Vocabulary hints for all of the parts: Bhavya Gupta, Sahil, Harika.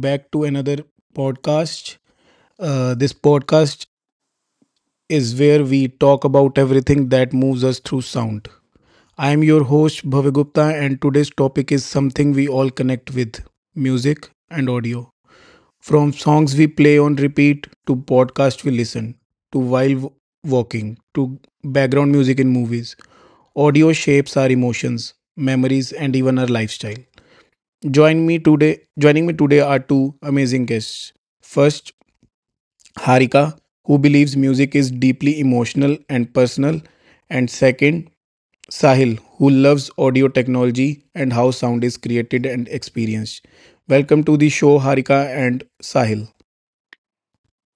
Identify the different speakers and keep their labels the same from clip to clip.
Speaker 1: back to another podcast. This podcast is where we talk about everything that moves us through sound. I am your host, Bhavya Gupta, and today's topic is something we all connect with: music and audio. From songs we play on repeat to podcasts we listen to while walking, to background music in movies, audio shapes our emotions, memories, and even our lifestyle. Joining me today are two amazing guests. First, Harika, who believes music is deeply emotional and personal, and second, Sahil, who loves audio technology and how sound is created and experienced. Welcome to the show, Harika and Sahil.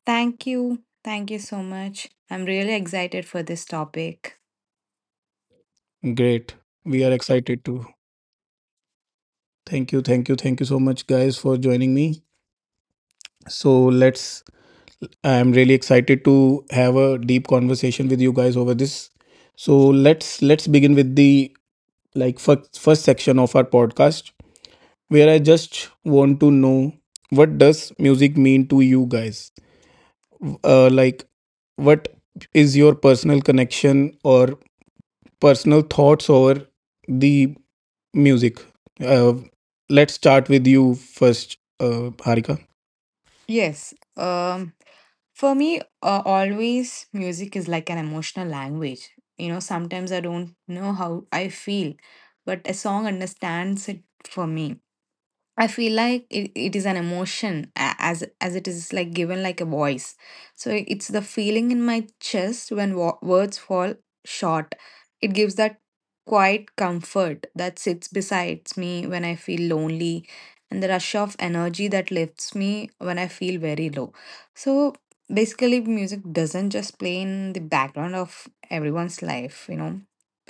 Speaker 2: Thank you. Thank you so much. I'm really excited for this topic.
Speaker 1: Great. We are excited too. Thank you, thank you, thank you so much, guys, for joining me. So let's I'm really excited to have a deep conversation with you guys over this. So let's begin with the, like, first section of our podcast, where I just want to know, what does music mean to you guys? Like, what is your personal connection or personal thoughts over the music? Uh, let's start with you first, Harika.
Speaker 2: Yes. For me, always music is like an emotional language. You know, sometimes I don't know how I feel, but a song understands it for me. I feel like it is an emotion as it is, like, given like a voice. So it's the feeling in my chest when words fall short. It gives that quiet comfort that sits beside me when I feel lonely and the rush of energy that lifts me when I feel very low. So basically, music doesn't just play in the background of everyone's life, you know.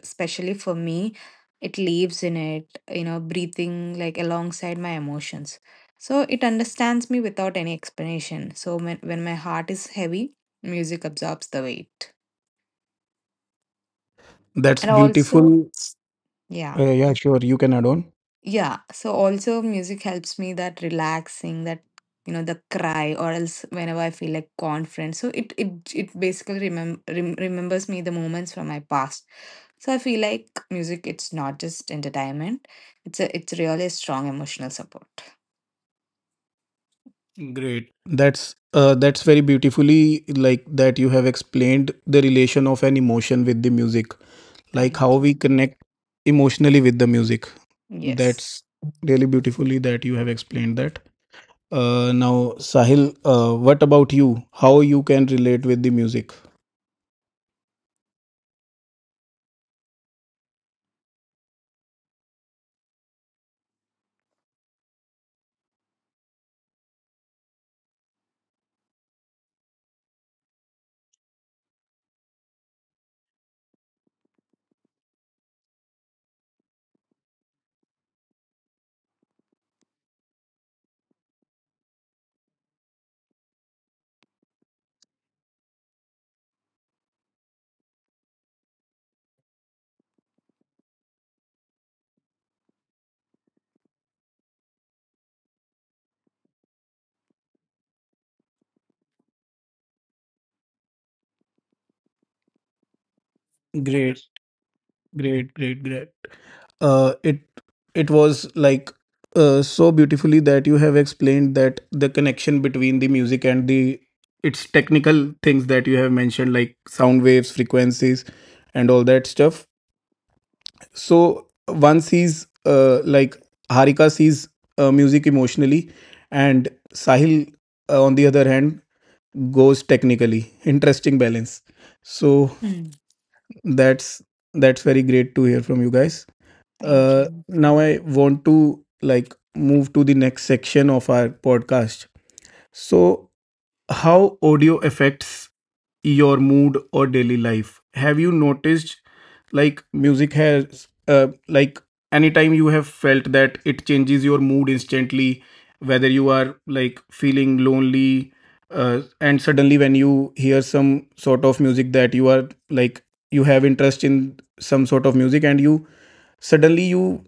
Speaker 2: Especially for me, it lives in it, breathing, like, alongside my emotions, so it understands me without any explanation. So when my heart is heavy, music absorbs the weight.
Speaker 1: That's
Speaker 2: And also,
Speaker 1: beautiful.
Speaker 2: yeah,
Speaker 1: Yeah, sure. You can add on.
Speaker 2: yeah, so also music helps me, that relaxing, that, you know, the cry, or else whenever I feel like confident. So it basically remembers me the moments from my past. So I feel like music, it's not just entertainment, it's a it's really a strong emotional support.
Speaker 1: Great. That's very beautifully, like, that you have explained the relation of an emotion with the music, like
Speaker 2: Thank
Speaker 1: how
Speaker 2: you.
Speaker 1: we connect emotionally with the music.
Speaker 2: Yes.
Speaker 1: That's really beautifully that you have explained that. Now, Sahil, what about you? How you can relate with the music? Great. Great, great, great. Uh, it it was like, so beautifully that you have explained that, the connection between the music and the its technical things that you have mentioned, like sound waves, frequencies, and all that stuff. So one sees, like Harika sees music emotionally, and Sahil, on the other hand, goes technically. Interesting balance. So that's that's very great to hear from you guys.
Speaker 2: Thank you.
Speaker 1: Now I want to, like, move to the next section of our podcast. So, how audio affects your mood or daily life? Have you noticed, like, music has, like, anytime you have felt that it changes your mood instantly, whether you are, like, feeling lonely, and suddenly when you hear some sort of music that you are, like, you have interest in some sort of music, and you suddenly you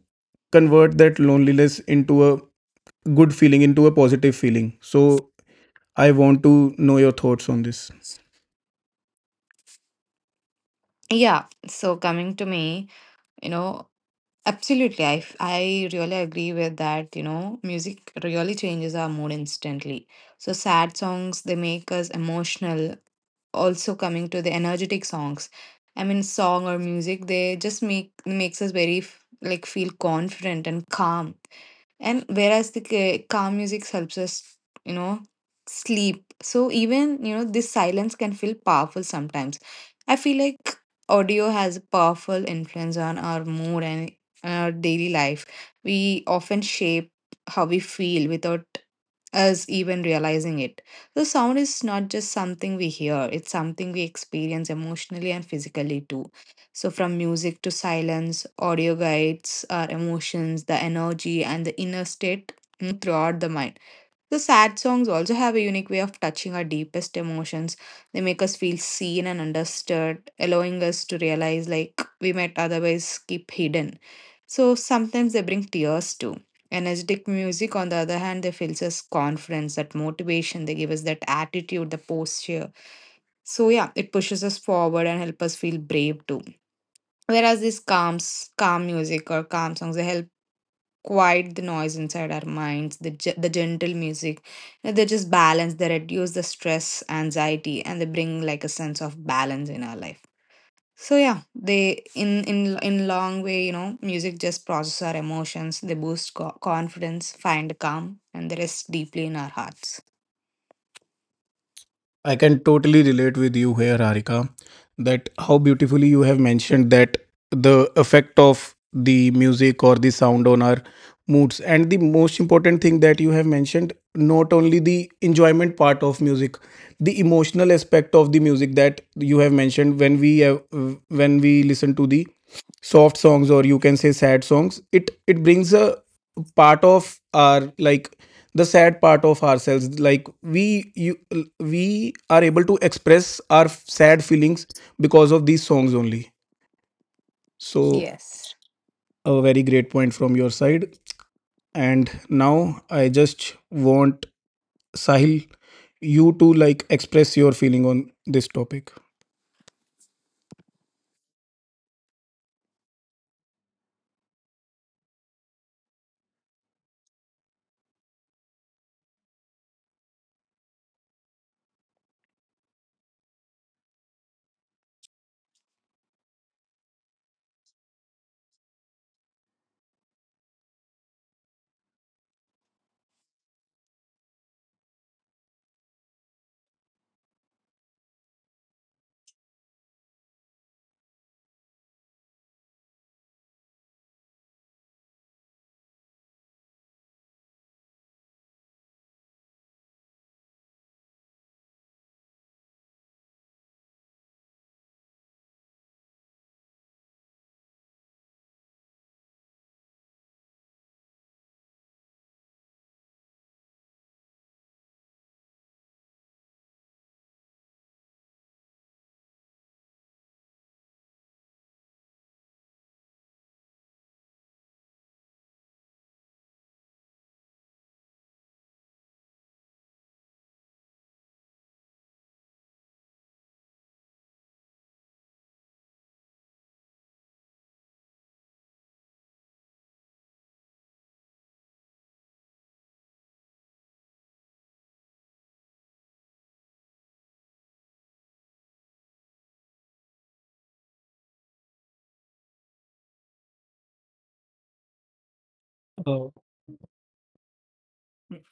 Speaker 1: convert that loneliness into a good feeling, into a positive feeling. So I want to know your thoughts on this.
Speaker 2: Yeah. So coming to me, you know, absolutely. I really agree with that. You know, music really changes our mood instantly. So sad songs, they make us emotional. Also coming to the energetic songs, I mean, song or music, they just makes us very like feel confident and calm. And whereas the calm music helps us, you know, sleep. So even, you know, this silence can feel powerful sometimes. I feel like audio has a powerful influence on our mood and our daily life. We often shape how we feel without us even realizing it. The sound is not just something we hear, it's something we experience emotionally and physically too. So, from music to silence, audio guides our emotions, the energy, and the inner state throughout the mind. The sad songs also have a unique way of touching our deepest emotions. They make us feel seen and understood, allowing us to realize like we might otherwise keep hidden. So sometimes they bring tears too. Energetic music, on the other hand, they fills us confidence, that motivation, they give us that attitude, the posture. So yeah, it pushes us forward and help us feel brave too. Whereas these calm music or calm songs, they help quiet the noise inside our minds. The gentle music, you know, they just balance. They reduce the stress, anxiety, and they bring like a sense of balance in our life. So yeah, they in long way, you know, music just process our emotions. They boost confidence, find calm, and they rest deeply in our hearts.
Speaker 1: I can totally relate with you here, Harika, that how beautifully you have mentioned that, the effect of the music or the sound on our moods, and the most important thing that you have mentioned, not only the enjoyment part of music, the emotional aspect of the music that you have mentioned, when we listen to the soft songs, or you can say sad songs, it brings a part of our, like, the sad part of ourselves, like we are able to express our sad feelings because of these songs only. So
Speaker 2: Yes.
Speaker 1: a very great point from your side. And now I just want, Sahil, you to, like, express your feeling on this topic.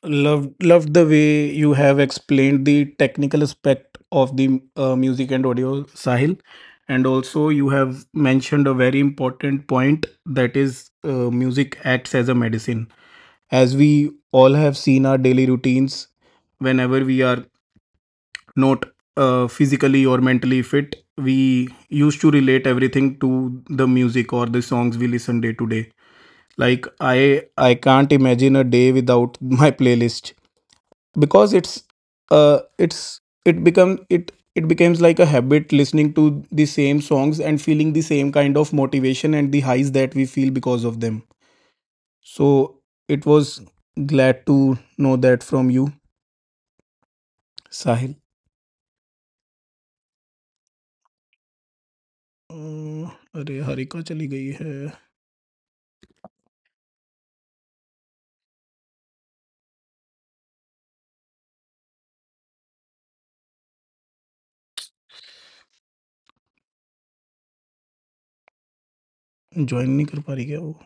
Speaker 1: Loved the way you have explained the technical aspect of the music and audio, Sahil, and also you have mentioned a very important point, that is, music acts as a medicine. As we all have seen our daily routines, whenever we are not physically or mentally fit, we used to relate everything to the music or the songs we listen day to day. Like, I can't imagine a day without my playlist, because uh it's it becomes like a habit, listening to the same songs and feeling the same kind of motivation and the highs that we feel because of them. So it was glad to know that from you, Sahil. अम्म, अरे हरिका चली गई है, join नहीं कर पा रही क्या वो?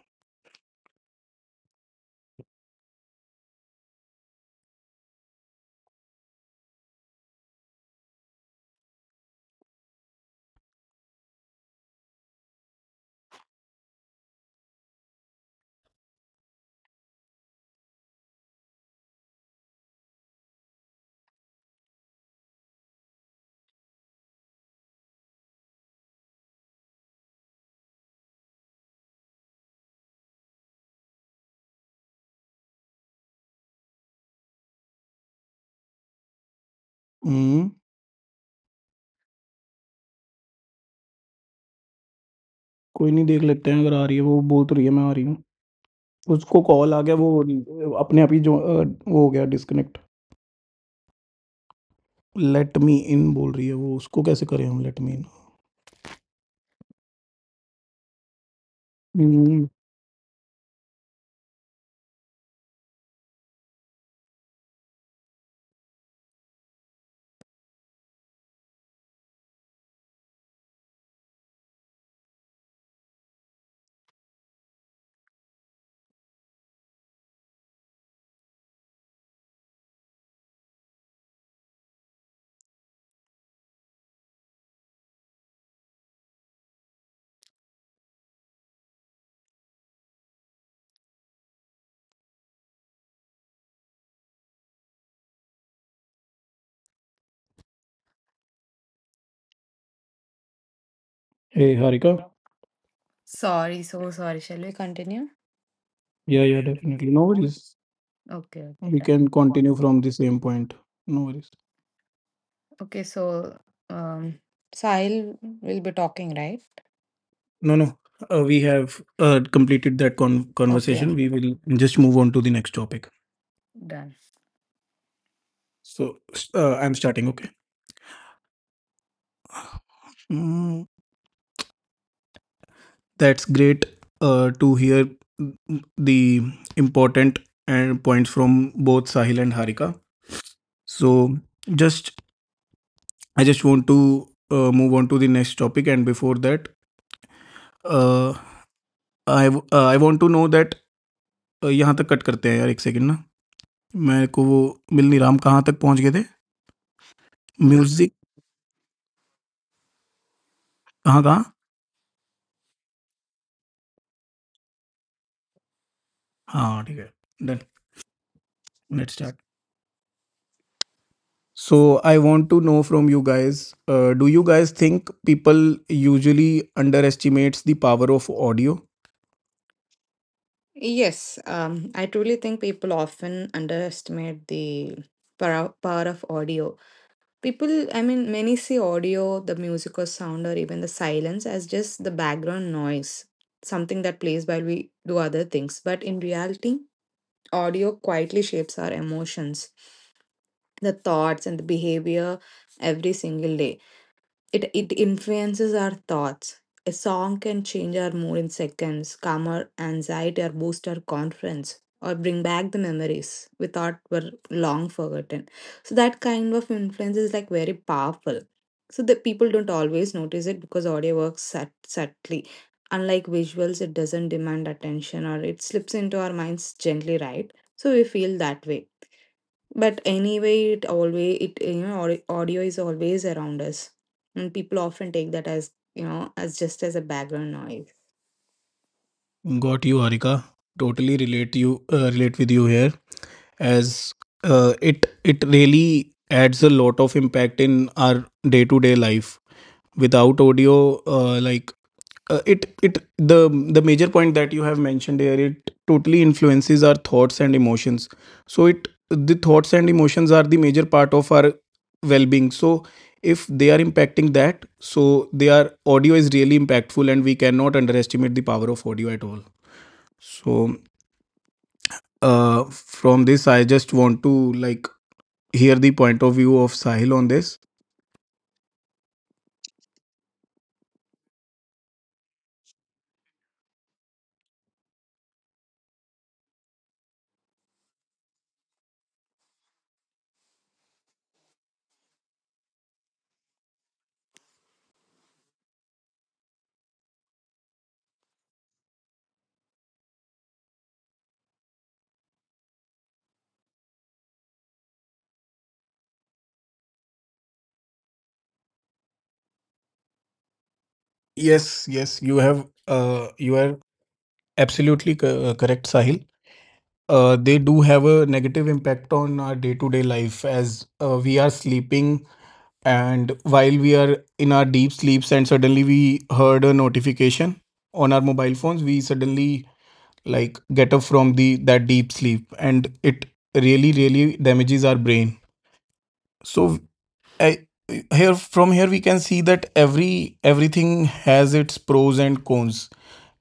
Speaker 1: हम्म, कोई नहीं, देख लेते हैं। अगर आ रही है वो, बोल तो रही है मैं आ रही हूँ, उसको कॉल आ गया वो अपने आप ही जो वो हो गया डिस्कनेक्ट। लेट मी इन बोल रही है वो, उसको कैसे करें हम let me. Mm, Hey, Harika.
Speaker 2: Sorry, so sorry. Shall we continue?
Speaker 1: Yeah, yeah, definitely. No worries.
Speaker 2: Okay, okay,
Speaker 1: We
Speaker 2: done.
Speaker 1: can continue from the same point. No worries.
Speaker 2: Okay, so um, Sahil will be talking, right?
Speaker 1: No, no. We have completed that conversation.
Speaker 2: Okay.
Speaker 1: We will just move on to the next topic. So I'm starting, okay? Mm, that's great to hear, the important and points from both Sahil and Harika. So just I just want to move on to the next topic, and before that, uh, I want to know that यहाँ तक cut करते हैं यार, 1 second ना। मेरे को वो मिल नहीं रहा, हम कहाँ तक पहुँच गए थे? म्यूज़िक कहाँ कहाँ? हाँ, ठीक है। Done, let's start. So I want to know from you guys, do you guys think people usually underestimates the power of audio?
Speaker 2: Yes, I truly think people often underestimate the power of audio. People, I mean, many see audio, the music or sound, or even the silence as just the background noise, something that plays while we do other things. But in reality, audio quietly shapes our emotions, the thoughts, and the behavior every single day. It influences our thoughts. A song can change our mood in seconds, calm our anxiety, or boost our confidence, or bring back the memories we thought were long forgotten. So that kind of influence is like very powerful. So the people don't always notice it because audio works subtly. Unlike visuals, it doesn't demand attention or it slips into our minds gently, right? So we feel that way. But anyway, it always it you know au- audio is always around us, and people often take that as, you know, as just as a background noise.
Speaker 1: Got you Harika. Totally relate you relate with you here as a, it it really adds a lot of impact in our day to day life. Without audio like it the major point that you have mentioned here, it totally influences our thoughts and emotions. So it, the thoughts and emotions are the major part of our well-being, so if they are impacting that, so their audio is really impactful, and we cannot underestimate the power of audio at all. So uh from this I just want to, like, hear the point of view of Sahil on this. Yes, yes, you are absolutely correct, Sahil. They do have a negative impact on our day-to-day life, as we are sleeping, and while we are in our deep sleeps and suddenly we heard a notification on our mobile phones, we suddenly, like, get up from the that deep sleep, and it really really damages our brain. So I, here from here we can see that everything has its pros and cons.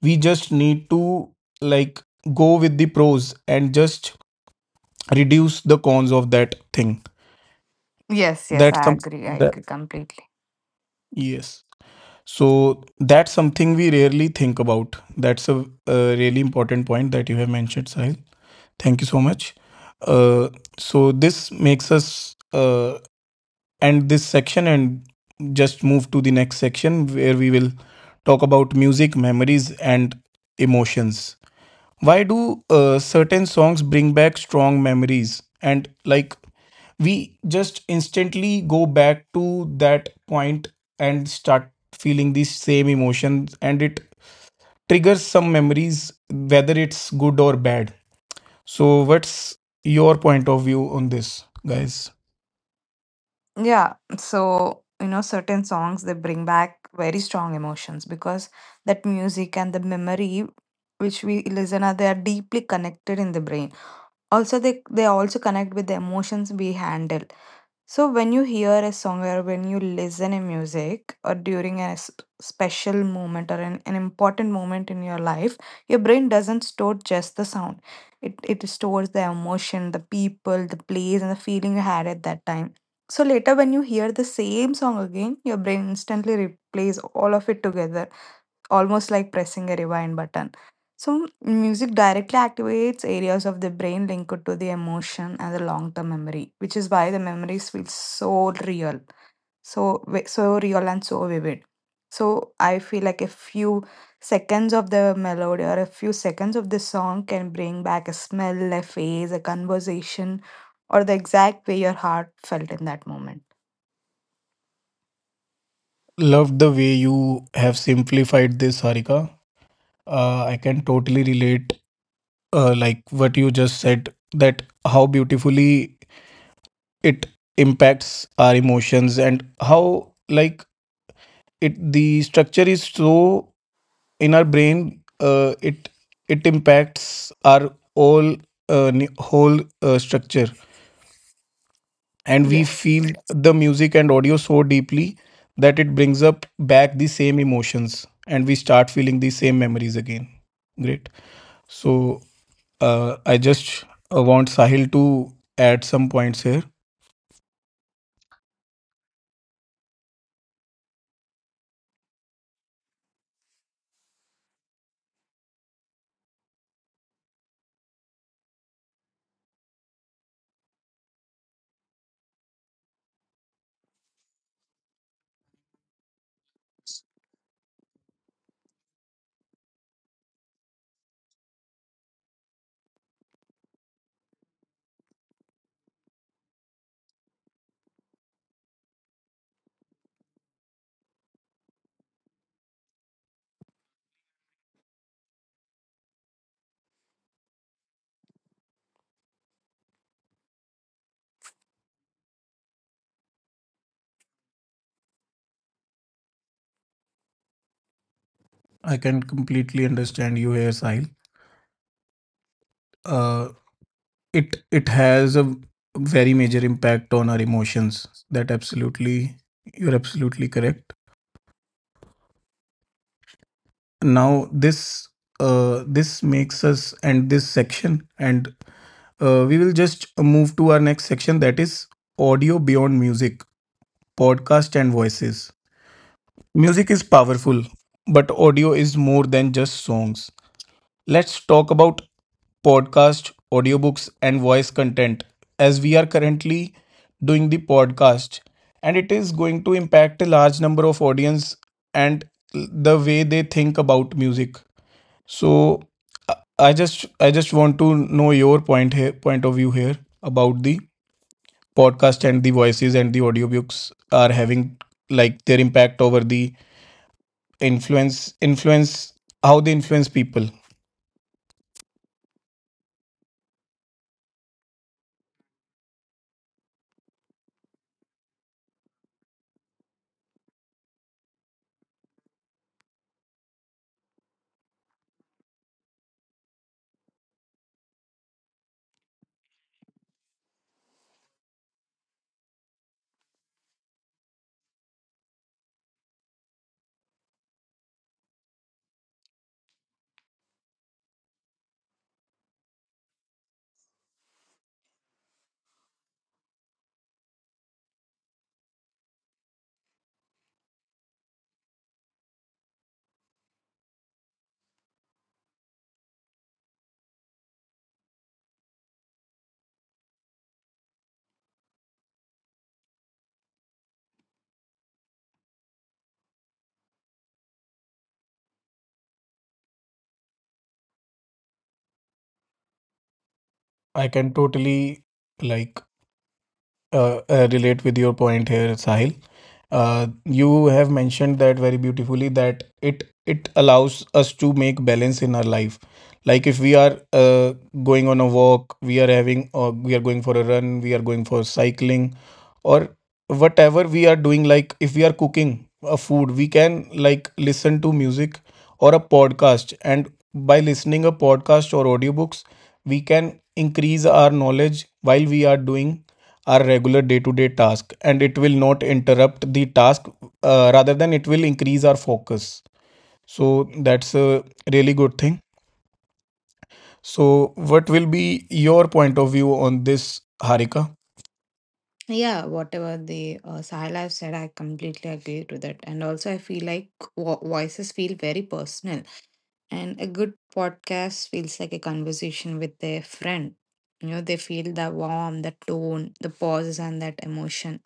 Speaker 1: We just need to, like, go with the pros and just reduce the cons of that thing.
Speaker 2: Yes, yes,
Speaker 1: That's
Speaker 2: I
Speaker 1: some
Speaker 2: agree. I
Speaker 1: that
Speaker 2: agree completely.
Speaker 1: yes So that's something we rarely think about. That's a really important point that you have mentioned, Sahil. Thank you so much. uh, so this makes us end this section and just move to the next section, where we will talk about music, memories, and emotions. Why do certain songs bring back strong memories, and, like, we just instantly go back to that point and start feeling these same emotions, and it triggers some memories, whether it's good or bad. So what's your point of view on this, guys?
Speaker 2: Yeah. So, you know, certain songs, they bring back very strong emotions because that music and the memory which we listen, are they are deeply connected in the brain. Also they also connect with the emotions we handle. So when you hear a song or when you listen a music or during a special moment or an important moment in your life, your brain doesn't store just the sound. It stores the emotion, the people, the place, and the feeling you had at that time. So later when you hear the same song again, your brain instantly replays all of it together, almost like pressing a rewind button. So, music directly activates areas of the brain linked to the emotion and the long term memory, which is why the memories feel so real, so so real and so vivid. So, I feel like a few seconds of the melody or a few seconds of the song can bring back a smell, a face, a conversation, or the exact way your heart felt in that moment.
Speaker 1: Loved the way you have simplified this, Harika. I can totally relate, like what you just said, that how beautifully it impacts our emotions, and how, like, it the structure is so in our brain, it impacts our all, whole structure, and we
Speaker 2: Yes.
Speaker 1: feel the music and audio so deeply that it brings up back the same emotions and we start feeling the same memories again. Great. So, I just want Sahil to add some points here. I can completely understand you here, Sahil. uh, it has a very major impact on our emotions, that absolutely you're absolutely correct. Now, this makes us end this section, and we will just move to our next section, that is audio beyond music, podcast, and voices. Music is powerful, but audio is more than just songs. Let's talk about podcast, audiobooks, and voice content, as we are currently doing the podcast, and it is going to impact a large number of audience and the way they think about music. So I I just want to know your point of view here about the podcast and the voices and the audiobooks, are having, like, their impact over the, influence influence how they influence people. I can totally, like, relate with your point here, Sahil. You have mentioned that very beautifully, that it allows us to make balance in our life. Like, if we are going on a walk, or we are going for a run, we are going for cycling, or whatever we are doing. Like if we are cooking a food, we can like listen to music or a podcast, and by listening a podcast or audiobooks, we can increase our knowledge while we are doing our regular day to day task, and it will not interrupt the task, rather than it will increase our focus. So that's a really good thing. So what will be your point of view on this, Harika?
Speaker 2: Yeah, whatever the Sahil have said, I completely agree to that. And also, I feel like voices feel very personal, and a good podcast feels like a conversation with their friend. You know, they feel the warmth, the tone, the pauses, and that emotion.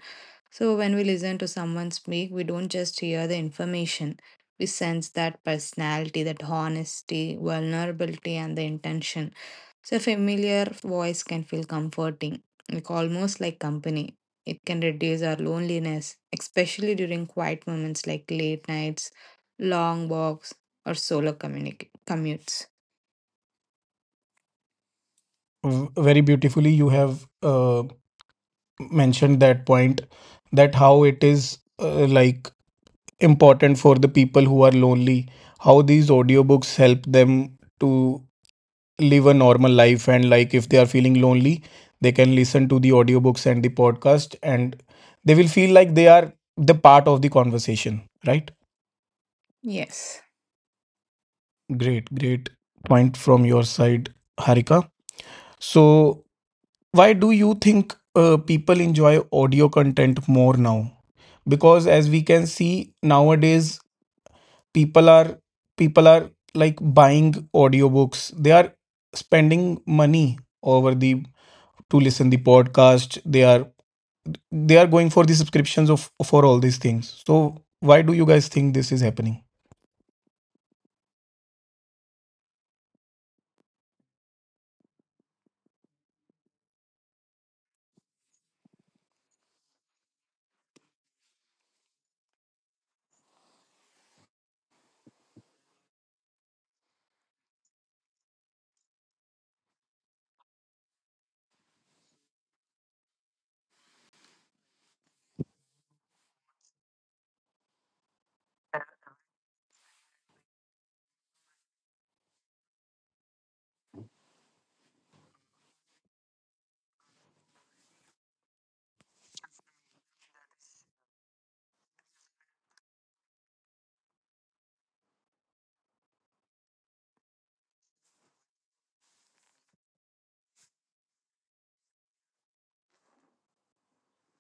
Speaker 2: So, when we listen to someone speak, we don't just hear the information, we sense that personality, that honesty, vulnerability, and the intention. So, a familiar voice can feel comforting, like almost like company. It can reduce our loneliness, especially during quiet moments like late nights, long walks, or solo commutes.
Speaker 1: Very beautifully you have mentioned that point, that how it is like important for the people who are lonely, how these audiobooks help them to live a normal life. And like if they are feeling lonely, they can listen to the audiobooks and the podcast, and they will feel like they are the part of the conversation, right?
Speaker 2: Yes.
Speaker 1: Great, great point from your side, Harika. So why do you think people enjoy audio content more now? Because as we can see nowadays, people are people are like buying audiobooks, they are spending money over the to listen the podcast, they are going for the subscriptions of for all these things. So why do you guys think this is happening?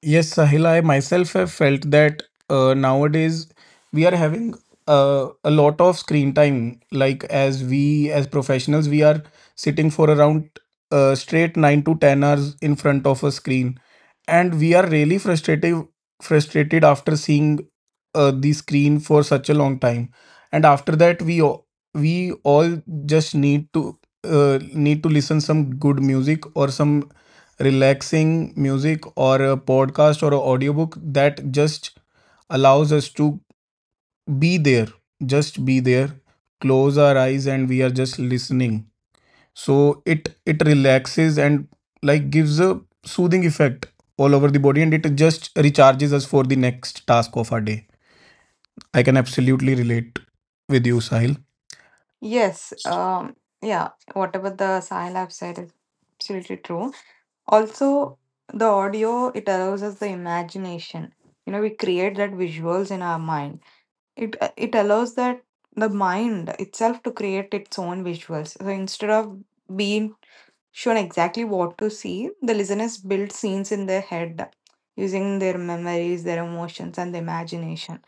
Speaker 1: Yes, Sahil, I myself have felt that nowadays we are having a lot of screen time. Like as professionals, we are sitting for around straight 9 to 10 hours in front of a screen, and we are really frustrated after seeing the screen for such a long time. And after that, we all just need to need to listen some good music or some relaxing music or a podcast or an audiobook that just allows us to be there, just be there, close our eyes, and we are just listening. So it relaxes and like gives a soothing effect all over the body, and it just recharges us for the next task of our day. I can absolutely relate with you, Sahil.
Speaker 2: Yes, yeah, whatever the Sahil have said is absolutely true. Also, the audio, it allows us the imagination. You know, we create that visuals in our mind. It allows that the mind itself to create its own visuals. So instead of being shown exactly what to see, the listeners build scenes in their head using their memories, their emotions, and the imagination.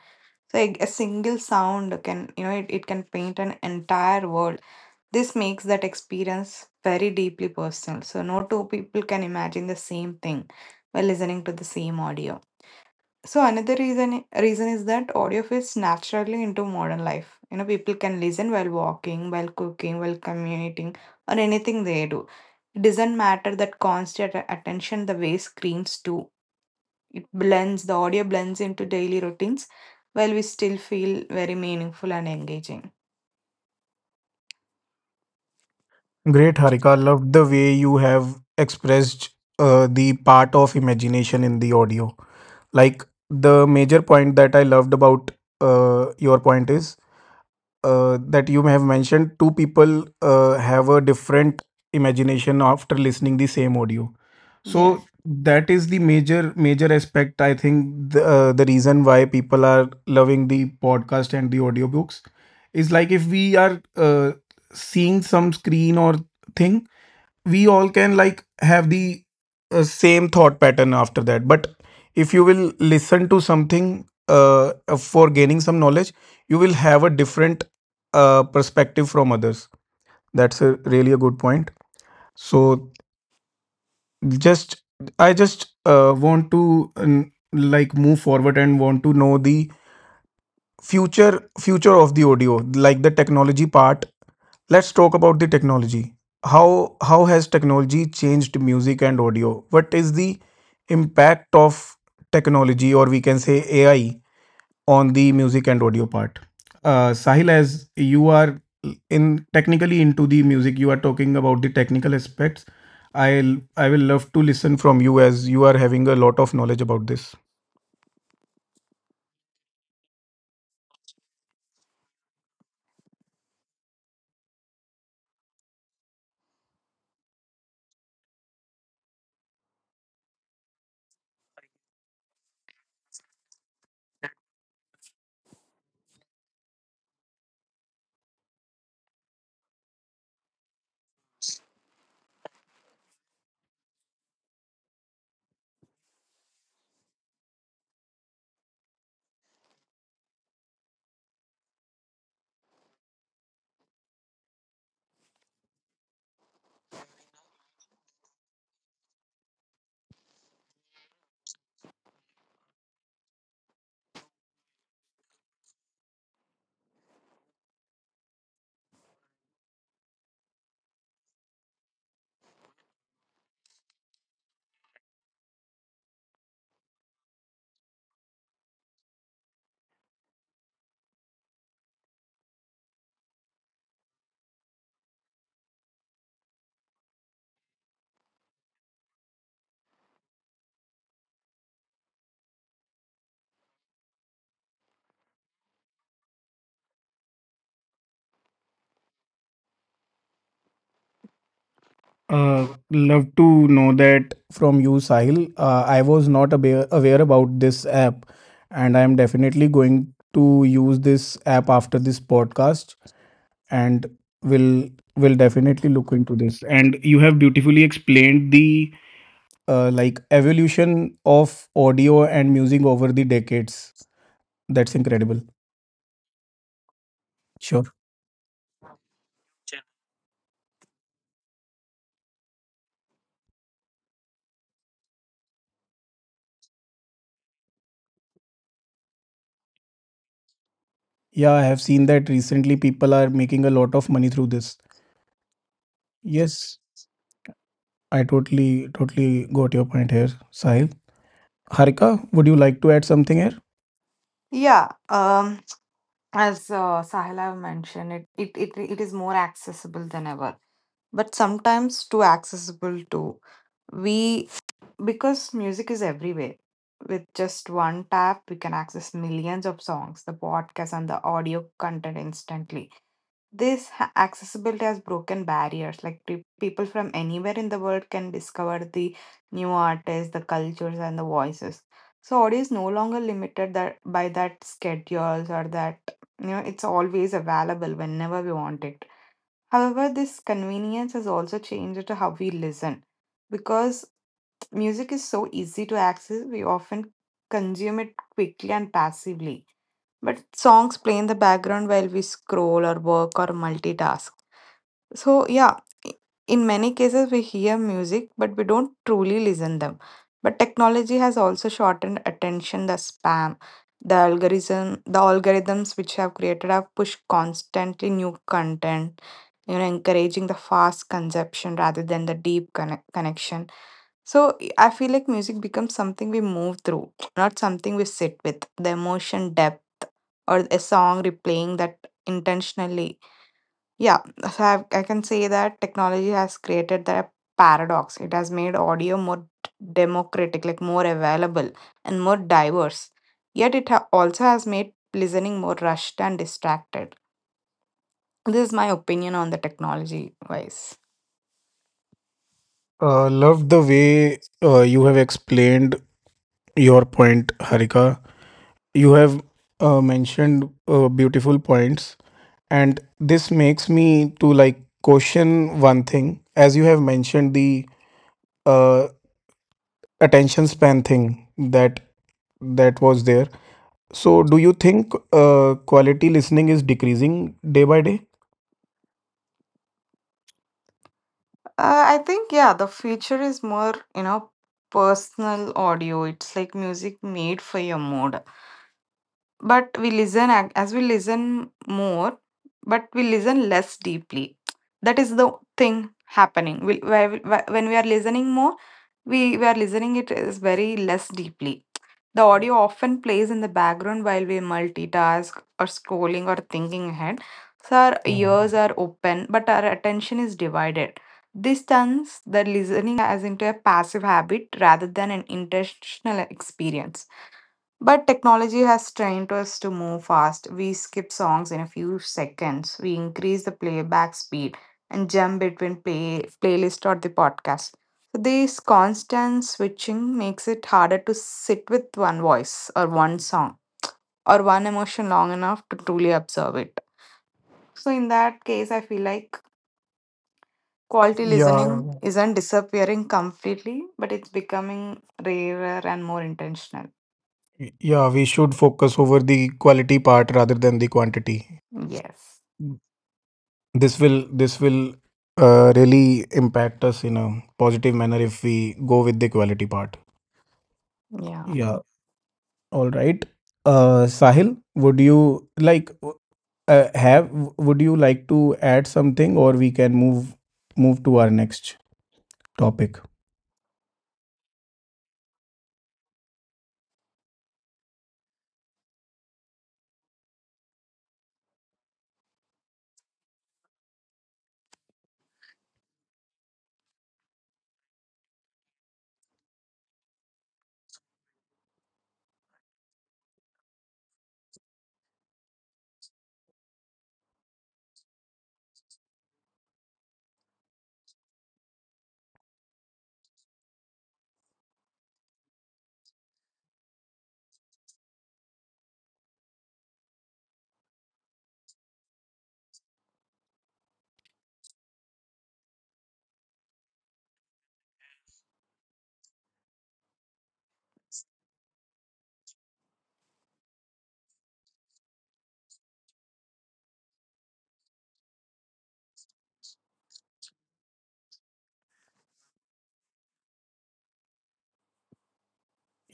Speaker 2: So a single sound can, you know, it can paint an entire world. This makes that experience very deeply personal. So no two people can imagine the same thing by listening to the same audio. So another reason is that audio fits naturally into modern life. You know, people can listen while walking, while cooking, while commuting, or anything they do. It doesn't matter that constant attention the way screens do. It blends, the audio blends into daily routines, while we still feel very meaningful and engaging.
Speaker 1: Great, Harika. Loved the way you have expressed the part of imagination in the audio. Like the major point that I loved about your point is that you may have mentioned two people have a different imagination after listening the same audio. So
Speaker 2: Yes.
Speaker 1: that is the major, aspect I think the reason why people are loving the podcast and the audiobooks. Is like if we are seeing some screen or thing, we all can like have the same thought pattern after that. But if you will listen to something for gaining some knowledge, you will have a different perspective from others. That's a really a good point. So just I just want to like move forward and want to know the future, of the audio. Like the technology part, let's talk about the technology. How has technology changed music and audio? What is the impact of technology, or we can say AI, on the music and audio part? Sahil, as you are in technically into the music, you are talking about the technical aspects. I'll i will love to listen from you, as you are having a lot of knowledge about this. Love to know that from you, Sahil. I was not aware about this app, and I am definitely going to use this app after this podcast, and will will definitely look into this. And you have beautifully explained the like evolution of audio and music over the decades. That's incredible. Sure. Yeah, I have seen that recently people are making a lot of money through this. Yes, I totally, got your point here, Sahil. Harika, would you like to add something here?
Speaker 2: Yeah. As Sahil have mentioned, it it is more accessible than ever, but sometimes too accessible too. We Because music is everywhere. With just one tap, we can access millions of songs, the podcast, and the audio content instantly. This accessibility has broken barriers. Like people from anywhere in the world can discover the new artists, the cultures, and the voices. So audio is no longer limited that by that schedules or that, you know, it's always available whenever we want it. However, this convenience has also changed to how we listen, because music is so easy to access, we often consume it quickly and passively, but songs play in the background while we scroll or work or multitask. So yeah, i- in many cases we hear music but we don't truly listen them. But technology has also shortened attention the spam. The algorithm the algorithms which have created have pushed constantly new content, you know, encouraging the fast consumption rather than the deep connection. So I feel like music becomes something we move through, not something we sit with. The emotion depth or a song replaying that intentionally. Yeah, so I can say that technology has created that paradox. It has made audio more democratic, like more available and more diverse. Yet it also has made listening more rushed and distracted. This is my opinion on the technology wise.
Speaker 1: Love the way you have explained your point, Harika. You have mentioned beautiful points, and this makes me to like question one thing. As you have mentioned the uh, attention span thing that was there. So, do you think quality listening is decreasing day by day?
Speaker 2: I think yeah, the future is more, you know, personal audio. It's like music made for your mood. But we listen ac- as we listen more, but we listen less deeply, that is the thing happening. When we are listening more, we are listening it is very less deeply. The audio often plays in the background while we multitask or scrolling or thinking ahead. So our ears are open but our attention is divided. This turns the listening as into a passive habit rather than an intentional experience. But technology has trained us to move fast. We skip songs in a few seconds. We increase the playback speed and jump between playlist or the podcast. So this constant switching makes it harder to sit with one voice or one song or one emotion long enough to truly observe it. So in that case, I feel like quality listening
Speaker 1: Yeah,
Speaker 2: isn't disappearing completely, but it's becoming rarer and more intentional.
Speaker 1: Yeah, we should focus over the quality part rather than the quantity.
Speaker 2: Yes.
Speaker 1: Mm. This will really impact us in a positive manner if we go with the quality part.
Speaker 2: Yeah.
Speaker 1: Yeah, all right. Sahil, would you like would you like to add something, or we can move to our next topic?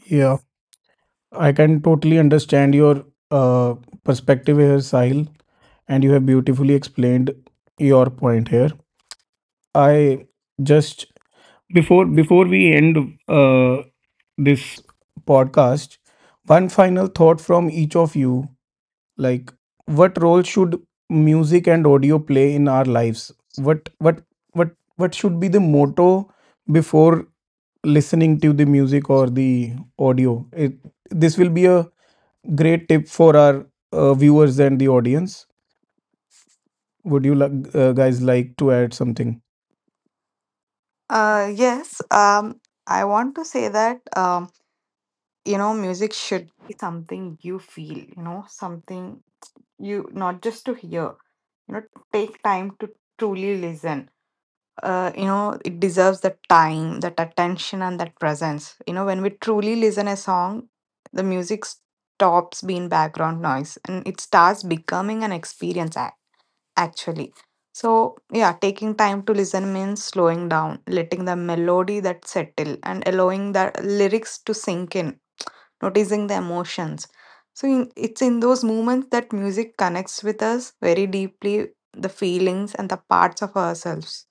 Speaker 1: Yeah, I can totally understand your uh, perspective here, Sahil, and you have beautifully explained your point here. I just Before we end uh, this, podcast, one final thought from each of you. Like, what role should music and audio play in our lives? What what what what should be the motto before listening to the music or the audio? It, this will be a great tip for our viewers and the audience. Would you like guys like to add something?
Speaker 2: Yes, I want to say that, you know, music should be something you feel, you know, something you not just to hear, you know, take time to truly listen. You know, it deserves the time, that attention, and that presence. You know, when we truly listen a song, the music stops being background noise and it starts becoming an experience actually. So, yeah, taking time to listen means slowing down, letting the melody that settle, and allowing the lyrics to sink in, noticing the emotions. So in, it's in those moments that music connects with us very deeply, the feelings and the parts of ourselves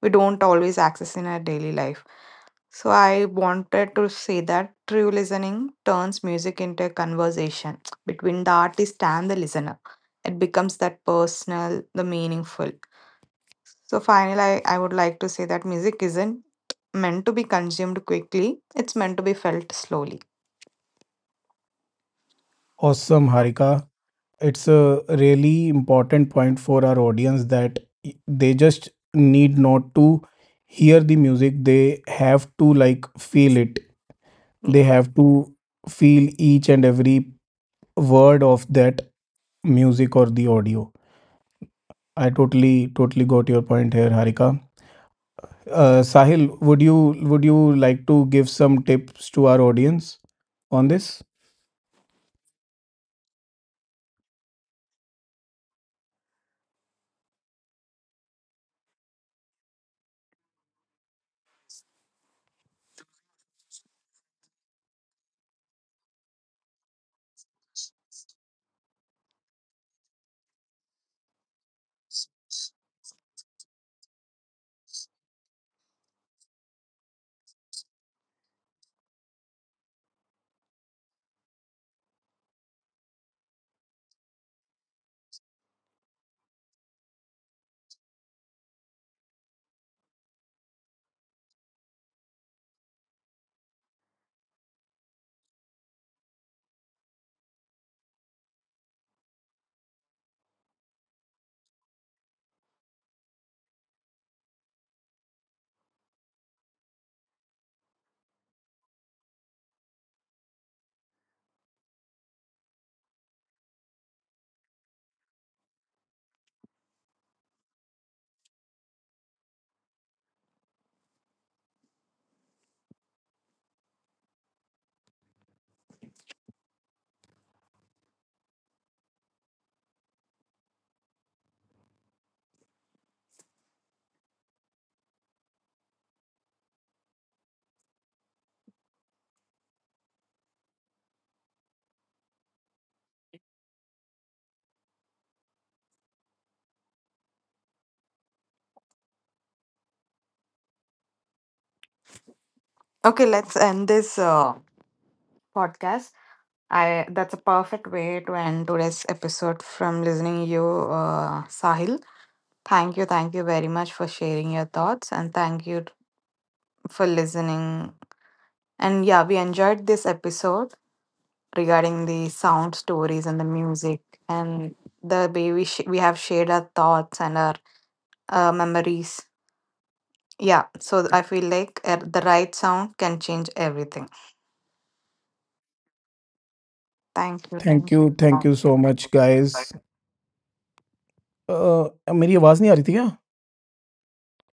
Speaker 2: we don't always access in our daily life. So I wanted to say that true listening turns music into a conversation between the artist and the listener. It becomes that personal, the meaningful. So finally, I would like to say that music isn't meant to be consumed quickly. It's meant to be felt slowly.
Speaker 1: Awesome, Harika. It's a really important point for our audience that they just need not to hear the music, they have to like feel it, they
Speaker 2: Yeah.
Speaker 1: have to feel each and every word of that music or the audio. I totally, got your point here, Harika. Sahil, would you would you like to give some tips to our audience on this?
Speaker 2: Okay, let's end this podcast. I that's a perfect way to end today's episode from listening you, Sahil. Thank you very much for sharing your thoughts, and thank you for listening. And yeah, we enjoyed this episode regarding the sound stories and the music and the way we have shared our thoughts and our memories. Yeah, so I feel like the right sound can change everything. Thank you,
Speaker 1: Thank
Speaker 2: thank you.
Speaker 1: you, so much, guys. uh, मेरी आवाज नहीं आ रही थी क्या